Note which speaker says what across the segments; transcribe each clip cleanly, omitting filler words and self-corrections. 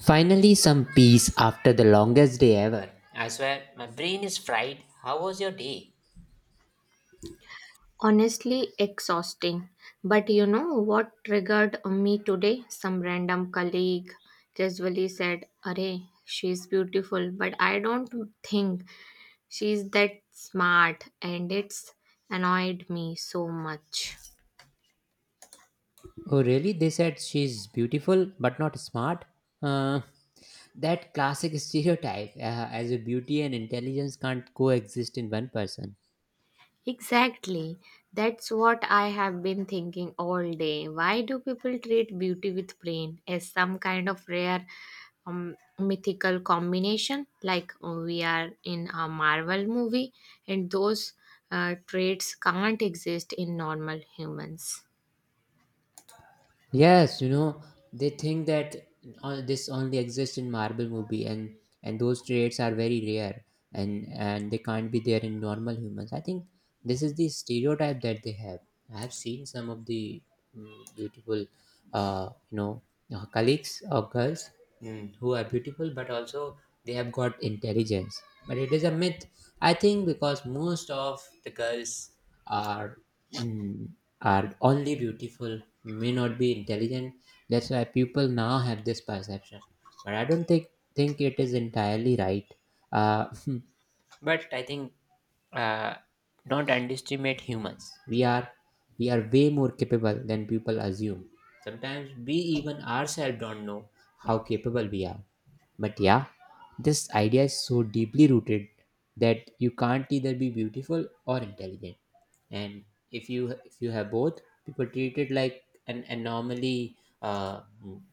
Speaker 1: Finally, some peace after the longest day ever. I swear, my brain is fried. How was your day?
Speaker 2: Honestly, exhausting. But you know what triggered me today? Some random colleague casually said, Array, she's beautiful, but I don't think she's that smart, and it's annoyed me so much.
Speaker 1: Oh, really? They said she's beautiful but not smart? Uh, that classic stereotype, as if beauty and intelligence can't coexist in one person.
Speaker 2: Exactly. That's what I have been thinking all day. Why do people treat beauty with brain as some kind of rare mythical combination? Like we are in a Marvel movie and those traits can't exist in normal humans.
Speaker 1: Yes, you know, they think that this only exists in Marvel movie and those traits are very rare and they can't be there in normal humans. I think this is the stereotype that they have. I have seen some of the beautiful uh, you know colleagues or girls, who are beautiful but also they have got intelligence. But it is a myth. I think because most of the girls are mm, are only beautiful, may not be intelligent. That's why people now have this perception. But I don't think it is entirely right. Uh, but I think uh, don't underestimate humans. We are way more capable than people assume. Sometimes we even ourselves don't know how capable we are. But yeah, this idea is so deeply rooted that you can't either be beautiful or intelligent. And if you have both, people treat it like an anomaly uh,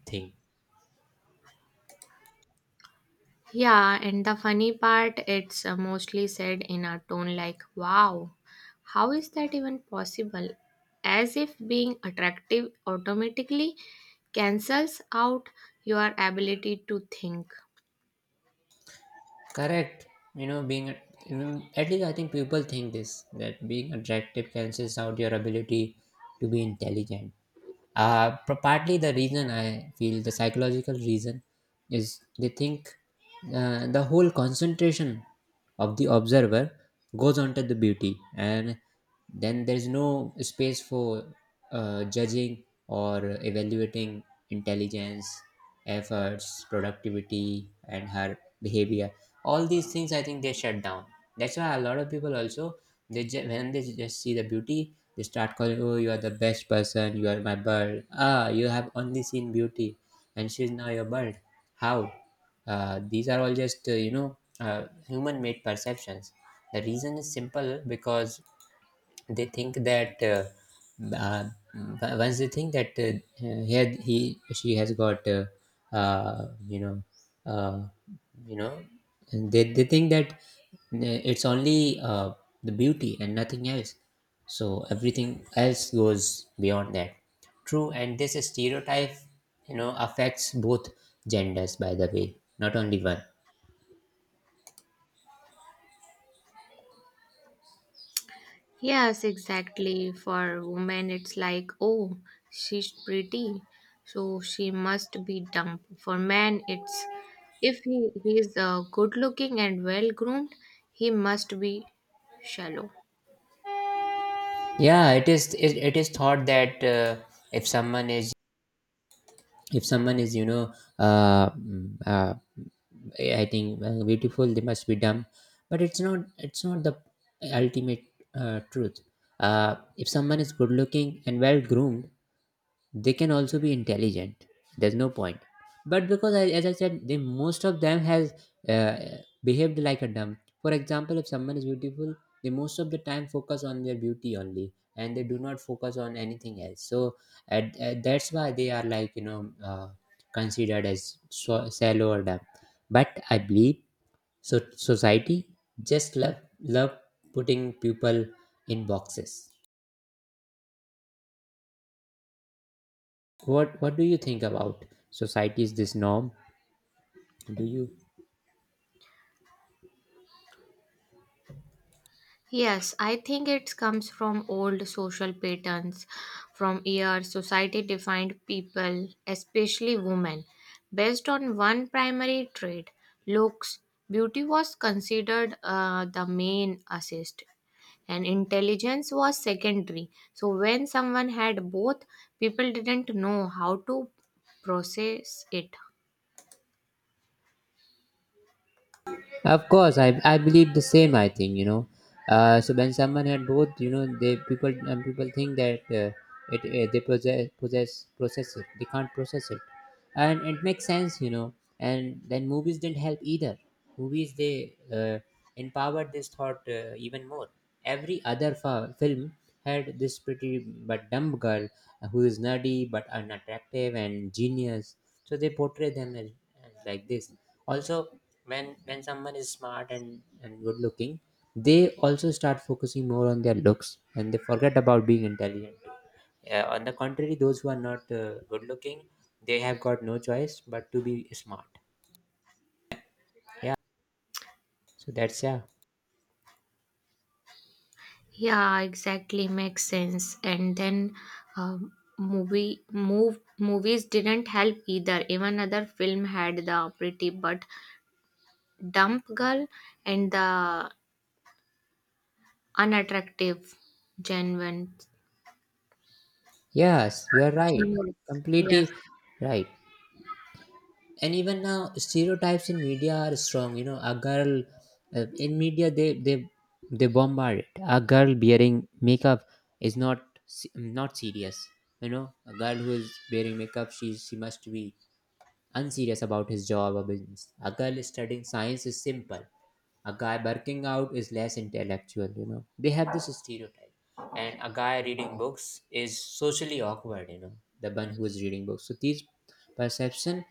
Speaker 1: thing.
Speaker 2: Yeah, and the funny part, it's mostly said in a tone like, wow, how is that even possible? As if being attractive automatically cancels out your ability to think.
Speaker 1: Correct. You know, being a- you know, at least I think people think this, that being attractive cancels out your ability to be intelligent. Partly the reason, I feel the psychological reason, is they think the whole concentration of the observer goes onto the beauty, and then there is no space for judging or evaluating intelligence, efforts, productivity, and her behavior. All these things, I think, they shut down. That's why a lot of people also, when they just see the beauty, they start calling, oh, you are the best person, you are my bird, ah, you have only seen beauty and she's now your bird. How? These are all just human made perceptions. The reason is simple, because they think that uh, once they think that he she has got uh, you know uh, you know and they think that it's only the beauty and nothing else, so everything else goes beyond that. True, and this stereotype, you know, affects both genders, by the way, not only one.
Speaker 2: Yes, exactly. For women, it's like, oh, she's pretty, so she must be dumb. For men, it's if he is good looking and well groomed, he must be shallow.
Speaker 1: Yeah, it is thought that if someone is, if someone is, you know, uh, mm, uh, I think beautiful, they must be dumb. But it's not, it's not the ultimate truth. If someone is good looking and well groomed, they can also be intelligent. There's no point. But because I, as I said, they, most of them has uh, behaved like a dumb. For example, if someone is beautiful, they most of the time focus on their beauty only and they do not focus on anything else. So that's why they are, like, you know, considered as shallow or dumb. But I believe, so, society just love putting people in boxes. What do you think about society's this norm? Do you?
Speaker 2: Yes, I think it comes from old social patterns, from year society defined people, especially women, based on one primary trait looks. Beauty was considered the main assist, and intelligence was secondary. So, when someone had both, people didn't know how to process it.
Speaker 1: Of course, I believe the same. I think, you know. So when someone had both, you know, they, people, and people think that it they possess possess process it. They can't process it, and it makes sense, you know. And then movies didn't help either. Movies, they empowered this thought even more. Every other film had this pretty but dumb girl who is nerdy but unattractive and genius. So they portray them as like this. Also, when someone is smart and good looking, they also start focusing more on their looks and they forget about being intelligent. On the contrary, those who are not good looking, they have got no choice but to be smart. Yeah, so that's, yeah.
Speaker 2: Yeah, exactly makes sense. And then um movies didn't help either. Even other film had the pretty but dumb girl and the unattractive genuine.
Speaker 1: Yes, you are right,
Speaker 2: Genuine.
Speaker 1: completely
Speaker 2: Yes.
Speaker 1: right. And even now, stereotypes in media are strong, you know. A girl, in media, they bombard it. A girl bearing makeup is se- not serious. You know, a girl who is bearing makeup, she must be unserious about his job or business. A girl studying science is simple. A guy barking out is less intellectual, you know, they have this stereotype. And a guy reading books is socially awkward, you know, the one who is reading books. So these perception,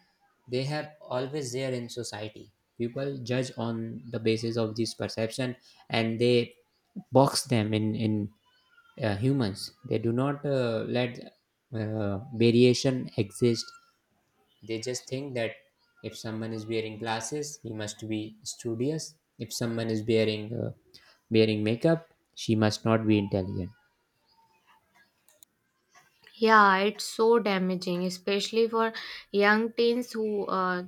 Speaker 1: they have always there in society. People judge on the basis of this perception, and they box them in, humans, they do not let uh, variation exist. They just think that if someone is wearing glasses, he must be studious. If someone is wearing wearing makeup, she must not be intelligent.
Speaker 2: Yeah, it's so damaging, especially for young teens who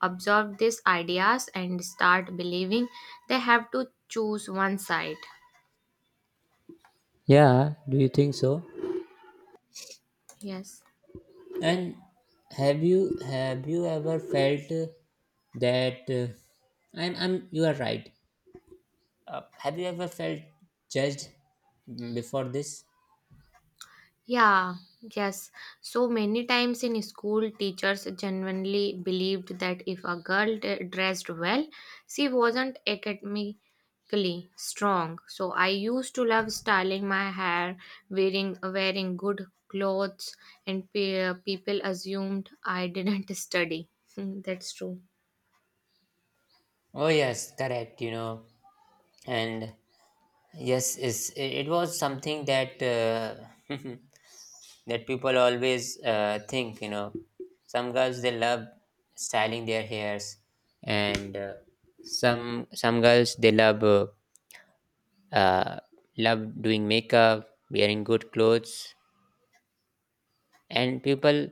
Speaker 2: absorb these ideas and start believing they have to choose one side.
Speaker 1: Yeah, do you think so?
Speaker 2: Yes.
Speaker 1: And have you ever felt that I'm you are right. Have you ever felt judged, before this?
Speaker 2: Yeah, yes. So many times in school, teachers genuinely believed that if a girl dressed well, she wasn't academically strong. So I used to love styling my hair, wearing good clothes, and people assumed I didn't study. Hmm, that's true.
Speaker 1: Oh yes, correct. You know, and yes, is it was something that uh, that people always think, you know, some girls, they love styling their hairs, and some girls, they love uh, love doing makeup, wearing good clothes. And people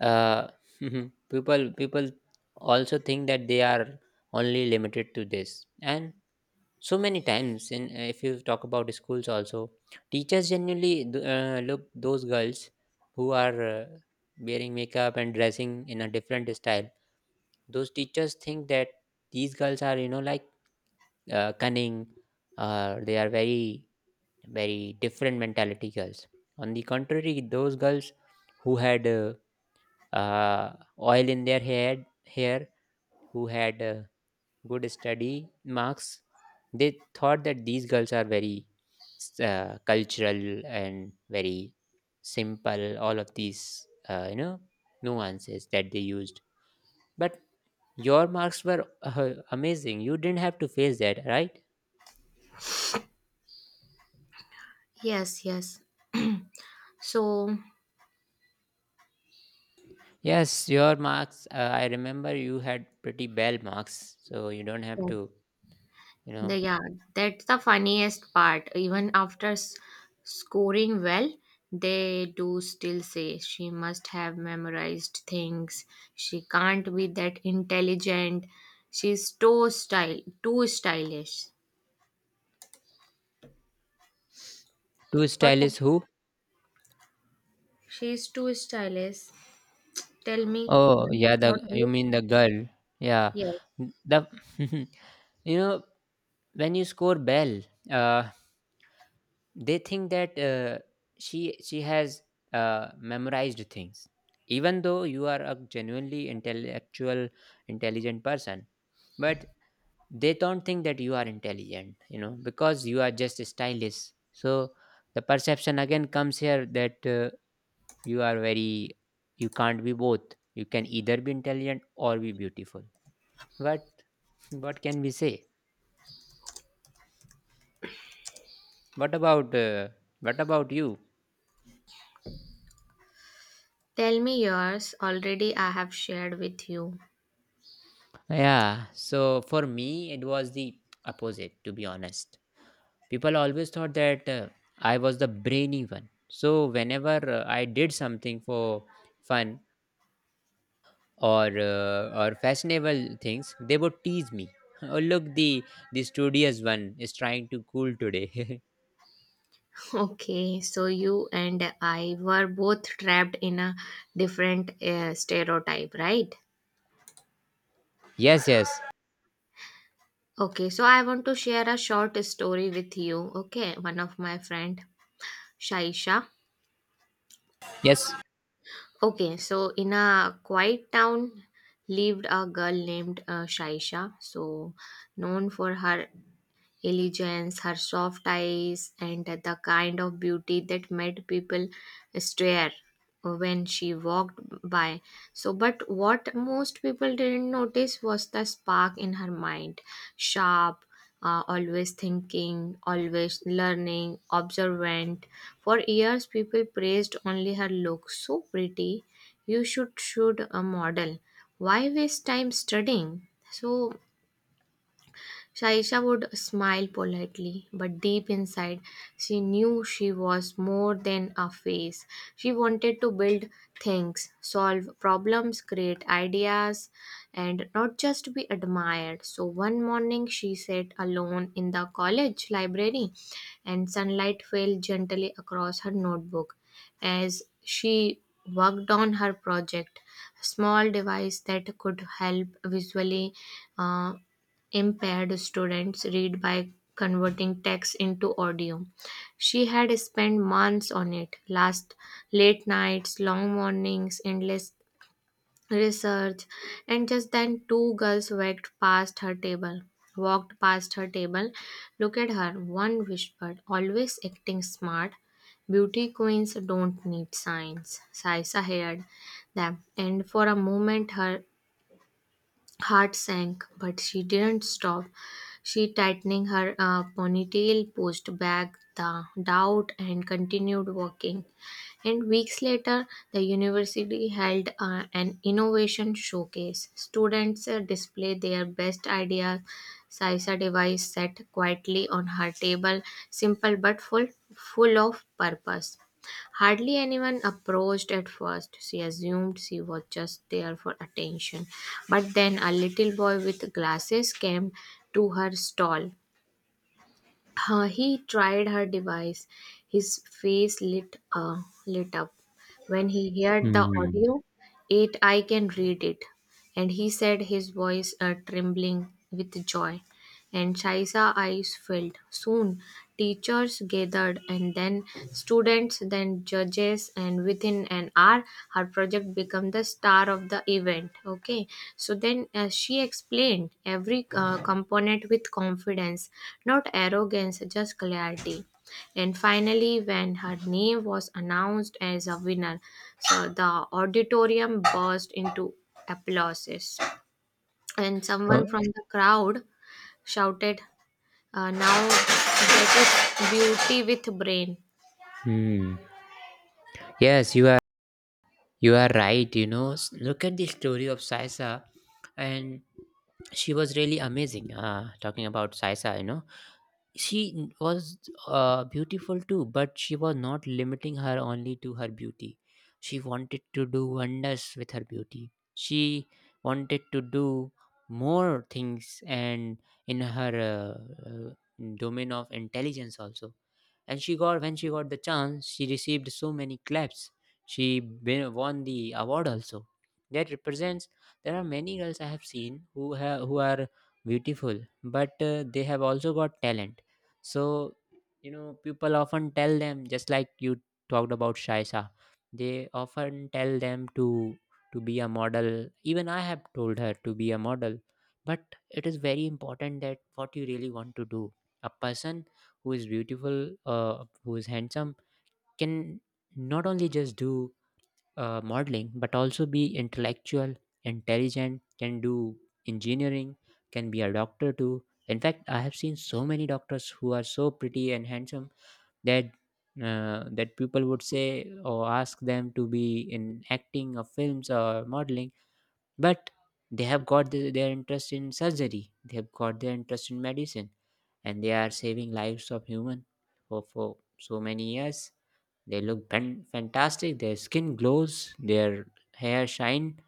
Speaker 1: uh, people also think that they are only limited to this. And so many times, and if you talk about schools also, teachers genuinely look those girls who are wearing makeup and dressing in a different style. Those teachers think that these girls are, you know, like, cunning, they are very, very different mentality girls. On the contrary, those girls who had uh, oil in their head hair, who had good study marks, they thought that these girls are very cultural and very simple. All of these you know, nuances that they used. But your marks were amazing, you didn't have to face that, right?
Speaker 2: Yes, yes. So,
Speaker 1: Yes, your marks, I remember you had pretty bell marks, so you don't have
Speaker 2: yes.
Speaker 1: to, you know.
Speaker 2: Yeah, that's the funniest part. Even after scoring well, they do still say she must have memorized things. She can't be that intelligent. Too stylish.
Speaker 1: Too
Speaker 2: What?
Speaker 1: stylish? Who?
Speaker 2: She's too stylish. Tell me
Speaker 1: Oh
Speaker 2: yours
Speaker 1: yeah,
Speaker 2: about
Speaker 1: the, you
Speaker 2: you.
Speaker 1: mean the girl? Yeah,
Speaker 2: Yes.
Speaker 1: the you know, when you score well, uh, they think that she has memorized things, even though you are a genuinely intellectual, intelligent person. But they don't think that you are intelligent, you know, because you are just stylish. So the perception again comes here, that you are very, you can't be both. You can either be intelligent or be beautiful. But what can we say? What about uh, what about you?
Speaker 2: Tell me yours. Already, I have shared with you.
Speaker 1: Yeah, so for me, it was the opposite, to be honest. People always thought that I was the brainy one. So whenever I did something for fun or fashionable things, they would tease me. Oh, look, the studious one is trying to cool today.
Speaker 2: Okay, so you and I were both trapped in a different stereotype, right?
Speaker 1: Yes, yes,
Speaker 2: Okay, so I want to share a short story with you. Okay, one of my friend, Shaisha.
Speaker 1: yes.
Speaker 2: Okay, so in a quiet town lived a girl named Shaisha, so known for her elegance, her soft eyes, and the kind of beauty that made people stare when she walked by. So, but what most people didn't notice was the spark in her mind sharp, always thinking, always learning, observant. For years, people praised only her look. So pretty, you should a model. Why waste time studying? So Shaisha would smile politely, but deep inside, she knew she was more than a face. She wanted to build things, solve problems, create ideas, and not just be admired. So one morning, she sat alone in the college library, and sunlight fell gently across her notebook as she worked on her project. A small device that could help visually uh, impaired students read by converting text into audio. She had spent months on it, last late nights, long mornings, endless research, and just then two girls walked past her table. Walked past her table, Look at her. One whispered, "Always acting smart. Beauty queens don't need signs." Saisa heard them, and for a moment her heart sank, but she didn't stop. She tightening her ponytail, pushed back the doubt, and continued walking. And weeks later, the university held an innovation showcase. Students displayed their best ideas. Saisa device sat quietly on her table, simple but full, full of purpose. Hardly anyone approached at first. She assumed she was just there for attention. But then a little boy with glasses came to her stall. He tried her device. His face lit up. When he heard the
Speaker 1: Hmm.
Speaker 2: audio, "It, I can read it," And he said, his voice trembling with joy, and Shaisa eyes filled. Soon, teachers gathered, and then students, then judges, and within an hour, her project became the star of the event. Okay, so then she explained every component with confidence, not arrogance, just clarity. And finally, when her name was announced as a winner, so the auditorium burst into applauses, and
Speaker 1: Oh,
Speaker 2: someone from the crowd shouted, now that is beauty with brain.
Speaker 1: hmm. Yes, you are. You are right, you know. Look at the story of Saisa, and she was really amazing. Talking about Saisa, you know, she was beautiful too, but she was not limiting her only to her beauty. She wanted to do wonders with her beauty. She wanted to do more things, and in her domain of intelligence also. And she got, when she got the chance, she received so many claps. She won the award also. That represents, there are many girls I have seen who have, who are beautiful, but they have also got talent. So, you know, people often tell them, just like you talked about Shaisa. They often tell them to be a model. Even I have told her to be a model. But it is very important that what you really want to do. A person who is beautiful, who is handsome, can not only just do modeling, but also be intellectual, intelligent, can do engineering, can be a doctor too. In fact, I have seen so many doctors who are so pretty and handsome that that people would say or ask them to be in acting or films or modeling. But they have got their interest in surgery, they have got their interest in medicine, and they are saving lives of human for so many years. They look fantastic. Their skin glows, their hair shine,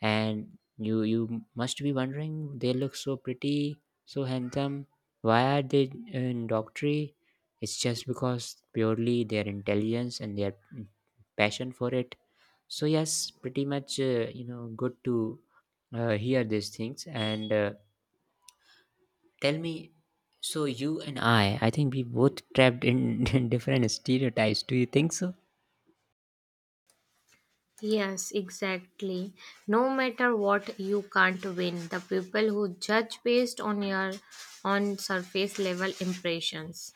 Speaker 1: and you must be wondering, they look so pretty, so handsome. Why are they in doctory? It's just because purely their intelligence and their passion for it. So yes, pretty much you know, good to hear these things, and tell me. So you and I think we both trapped in different stereotypes. Do you think so?
Speaker 2: Yes, exactly. No matter what, you can't win. The people who judge based on your on surface level impressions.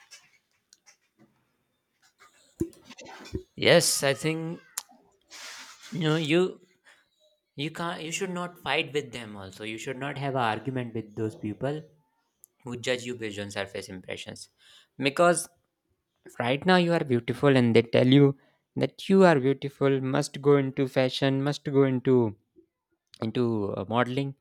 Speaker 1: Yes, I think, no, you can't, you should not fight with them also. You should not have an argument with those people who judge you based on surface impressions. Because right now you are beautiful and they tell you that you are beautiful, must go into fashion, must go into modeling.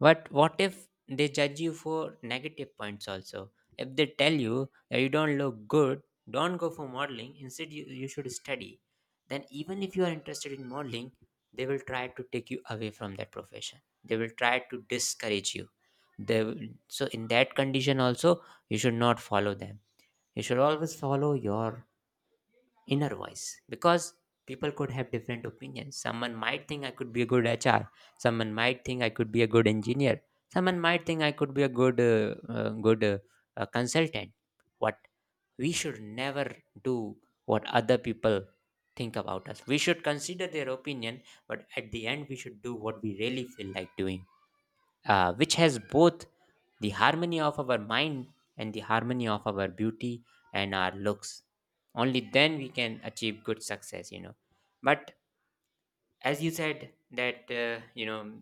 Speaker 1: But what if they judge you for negative points also? If they tell you that you don't look good, don't go for modeling, instead, you should study, then even if you are interested in modeling, they will try to take you away from that profession. They will try to discourage you. They will, so, in that condition, also, you should not follow them. You should always follow your inner voice, because people could have different opinions. Someone might think I could be a good HR, someone might think I could be a good engineer, someone might think I could be a good consultant. What we should never do what other people think about us, we should consider their opinion, but at the end we should do what we really feel like doing, which has both the harmony of our mind and the harmony of our beauty and our looks. Only then we can achieve good success, you know. But as you said, that,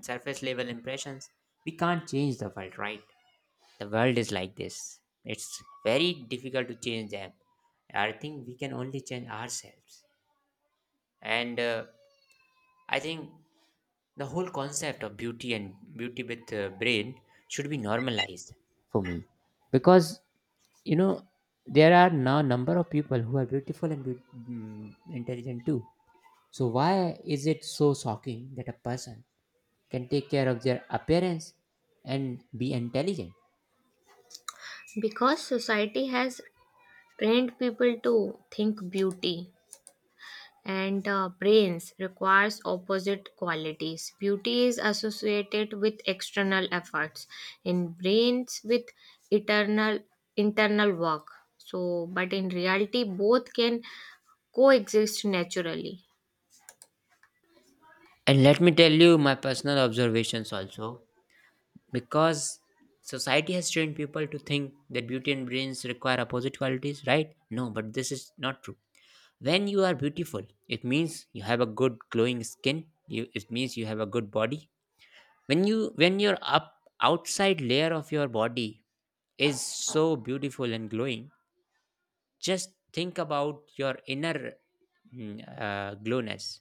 Speaker 1: surface level impressions, we can't change the world, right? The world is like this. It's very difficult to change them. I think we can only change ourselves. And I think the whole concept of beauty and beauty with the brain should be normalized, for me, because you know there are now number of people who are beautiful and intelligent too. So why is it so shocking that a person can take care of their appearance and be intelligent?
Speaker 2: Because society has trained people to think beauty and brains requires opposite qualities, beauty is associated with external efforts, in brains with eternal internal work. So but in reality both can coexist naturally.
Speaker 1: And let me tell you my personal observations also, because society has trained people to think that beauty and brains require opposite qualities, right? No, but this is not true. When you are beautiful, it means you have a good glowing skin, you it means you have a good body. When your up outside layer of your body is so beautiful and glowing, just think about your inner glowness.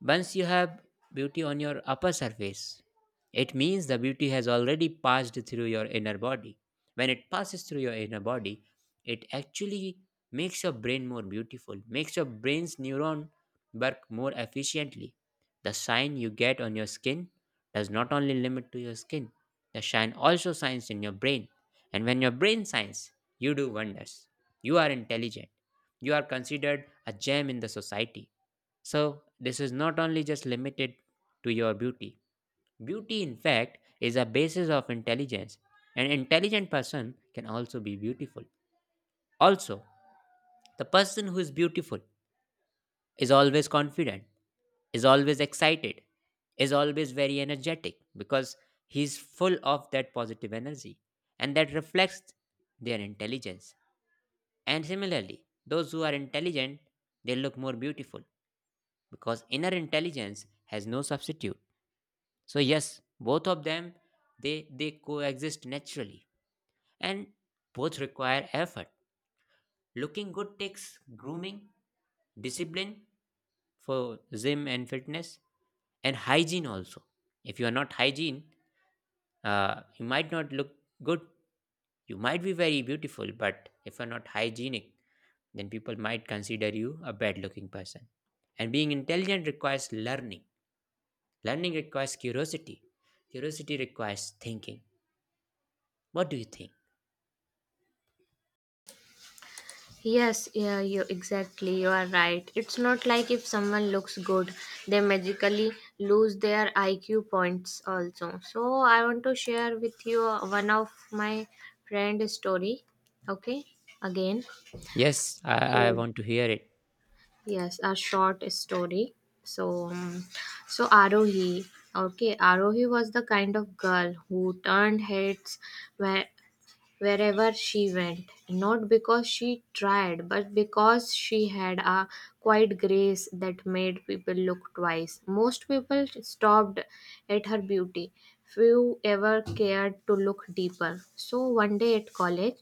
Speaker 1: Once you have beauty on your upper surface, it means the beauty has already passed through your inner body. When it passes through your inner body, it actually makes your brain more beautiful, makes your brain's neuron work more efficiently. The shine you get on your skin does not only limit to your skin, the shine also shines in your brain. And when your brain shines, you do wonders. You are intelligent. You are considered a gem in the society. So, this is not only just limited to your beauty. Beauty, in fact, is a basis of intelligence. An intelligent person can also be beautiful. Also, the person who is beautiful is always confident, is always excited, is always very energetic, because he's full of that positive energy and that reflects their intelligence. And similarly, those who are intelligent, they look more beautiful because inner intelligence has no substitute. So yes, both of them, they coexist naturally, and both require effort. Looking good takes grooming, discipline for gym and fitness, and hygiene also. If you are not hygiene, you might not look good. You might be very beautiful, but if you're not hygienic, then people might consider you a bad looking person. And being intelligent requires learning. Learning requires curiosity. Curiosity requires thinking. What do you think?
Speaker 2: Yes, yeah, you exactly. You are right. It's not like if someone looks good, they magically lose their IQ points also. So I want to share with you one of my friend story. Okay, again.
Speaker 1: Yes, I
Speaker 2: So
Speaker 1: want to hear it.
Speaker 2: yes, a short story. So so Arohi. Okay, Arohi was the kind of girl who turned heads when wherever she went, not because she tried, but because she had a quiet grace that made people look twice. Most people stopped at her beauty, few ever cared to look deeper. So one day at college,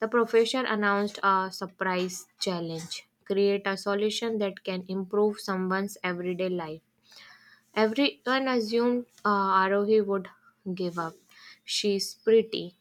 Speaker 2: the professor announced a surprise challenge, create a solution that can improve someone's everyday life. Everyone assumed Arohi would give up. She's pretty,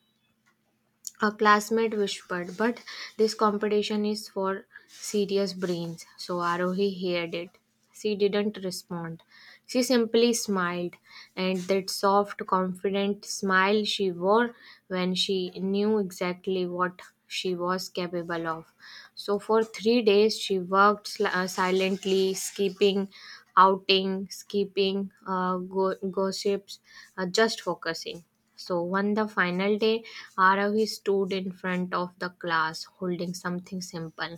Speaker 2: a classmate whispered, but this competition is for serious brains. So Arohi heard it. She didn't respond. She simply smiled, and that soft, confident smile she wore when she knew exactly what she was capable of. So for 3 days, she worked silently, skipping outing, skipping gossips, just focusing. So on the final day, Aravi stood in front of the class holding something simple.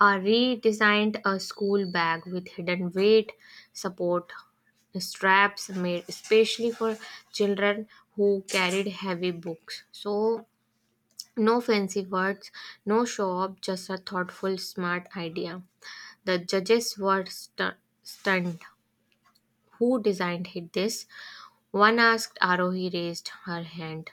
Speaker 2: A redesigned a school bag with hidden weight, support, straps made especially for children who carried heavy books. So no fancy words, no show off, just a thoughtful, smart idea. The judges were stunned. Who designed it this? One asked. Arohi raised her hand.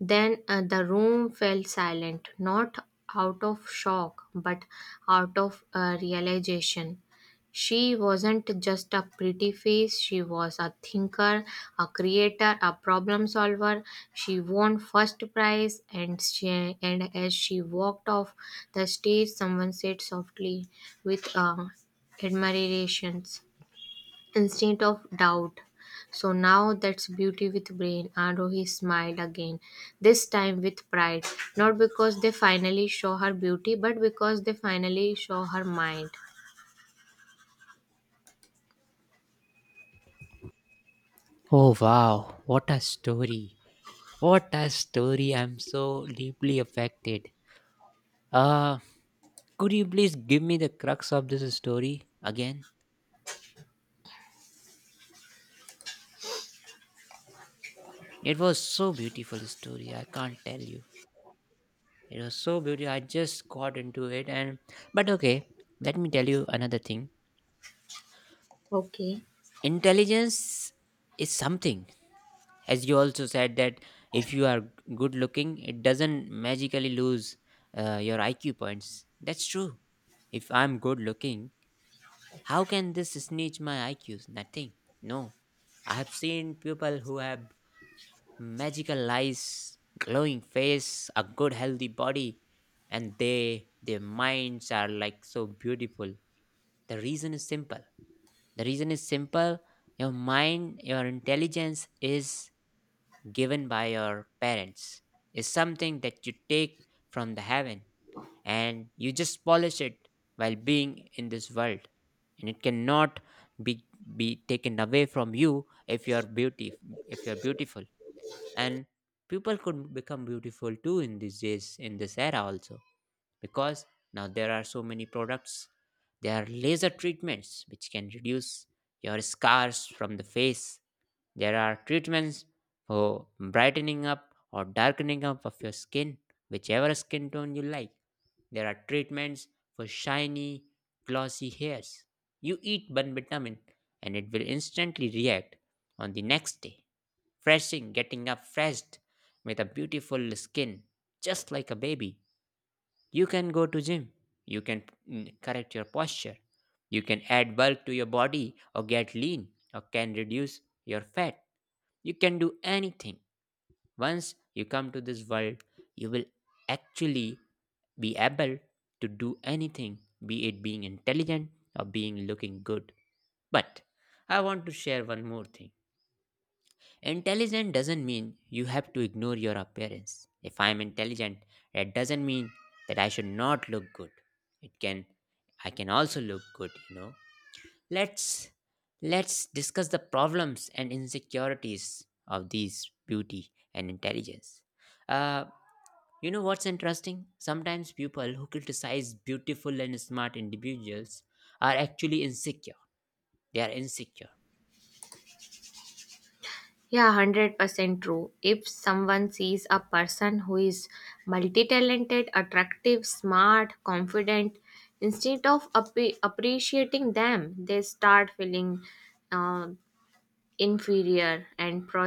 Speaker 2: Then the room fell silent, not out of shock, but out of realization. She wasn't just a pretty face, she was a thinker, a creator, a problem solver. She won first prize, and, she, and as she walked off the stage, someone said softly with admiration instant of doubt. So now that's beauty with brain. Arohi smiled again, this time with pride. Not because they finally show her beauty, but because they finally show her mind.
Speaker 1: Oh wow, what a story. What a story. I'm so deeply affected. Uh could you please give me the crux of this story again? It was so beautiful story, I can't tell you. It was so beautiful. I just got into it, and but okay, let me tell you another thing.
Speaker 2: Okay.
Speaker 1: Intelligence is something, as you also said, that if you are good looking it doesn't magically lose your IQ points, that's true. If I'm good looking, how can this snitch my IQs? Nothing. No, I have seen people who have magical eyes, glowing face, a good healthy body, and they their minds are like so beautiful. The reason is simple. The reason is simple. Your mind, your intelligence is given by your parents, is something that you take from the heaven and you just polish it while being in this world. And it cannot be, be taken away from you if you are beauty, if you are beautiful. And people could become beautiful too in these days, in this era also, because now there are so many products. There are laser treatments which can reduce your scars from the face. There are treatments for brightening up or darkening up of your skin, whichever skin tone you like. There are treatments for shiny, glossy hairs. You eat one vitamin and it will instantly react on the next day, freshing, getting up fresh with a beautiful skin just like a baby. You can go to gym. You can correct your posture. You can add bulk to your body or get lean or can reduce your fat. You can do anything. Once you come to this world, you will actually be able to do anything, be it being intelligent or being looking good. But I want to share one more thing. Intelligent doesn't mean you have to ignore your appearance. If I am intelligent, that doesn't mean that I should not look good. It can I can also look good, you know. Let's let's discuss the problems and insecurities of these beauty and intelligence. Uh you know what's interesting? Sometimes people who criticize beautiful and smart individuals are actually insecure. They are insecure
Speaker 2: Yeah, 100% true. If someone sees a person who is multi talented, attractive, smart, confident, instead of appreciating them, they start feeling uh, inferior and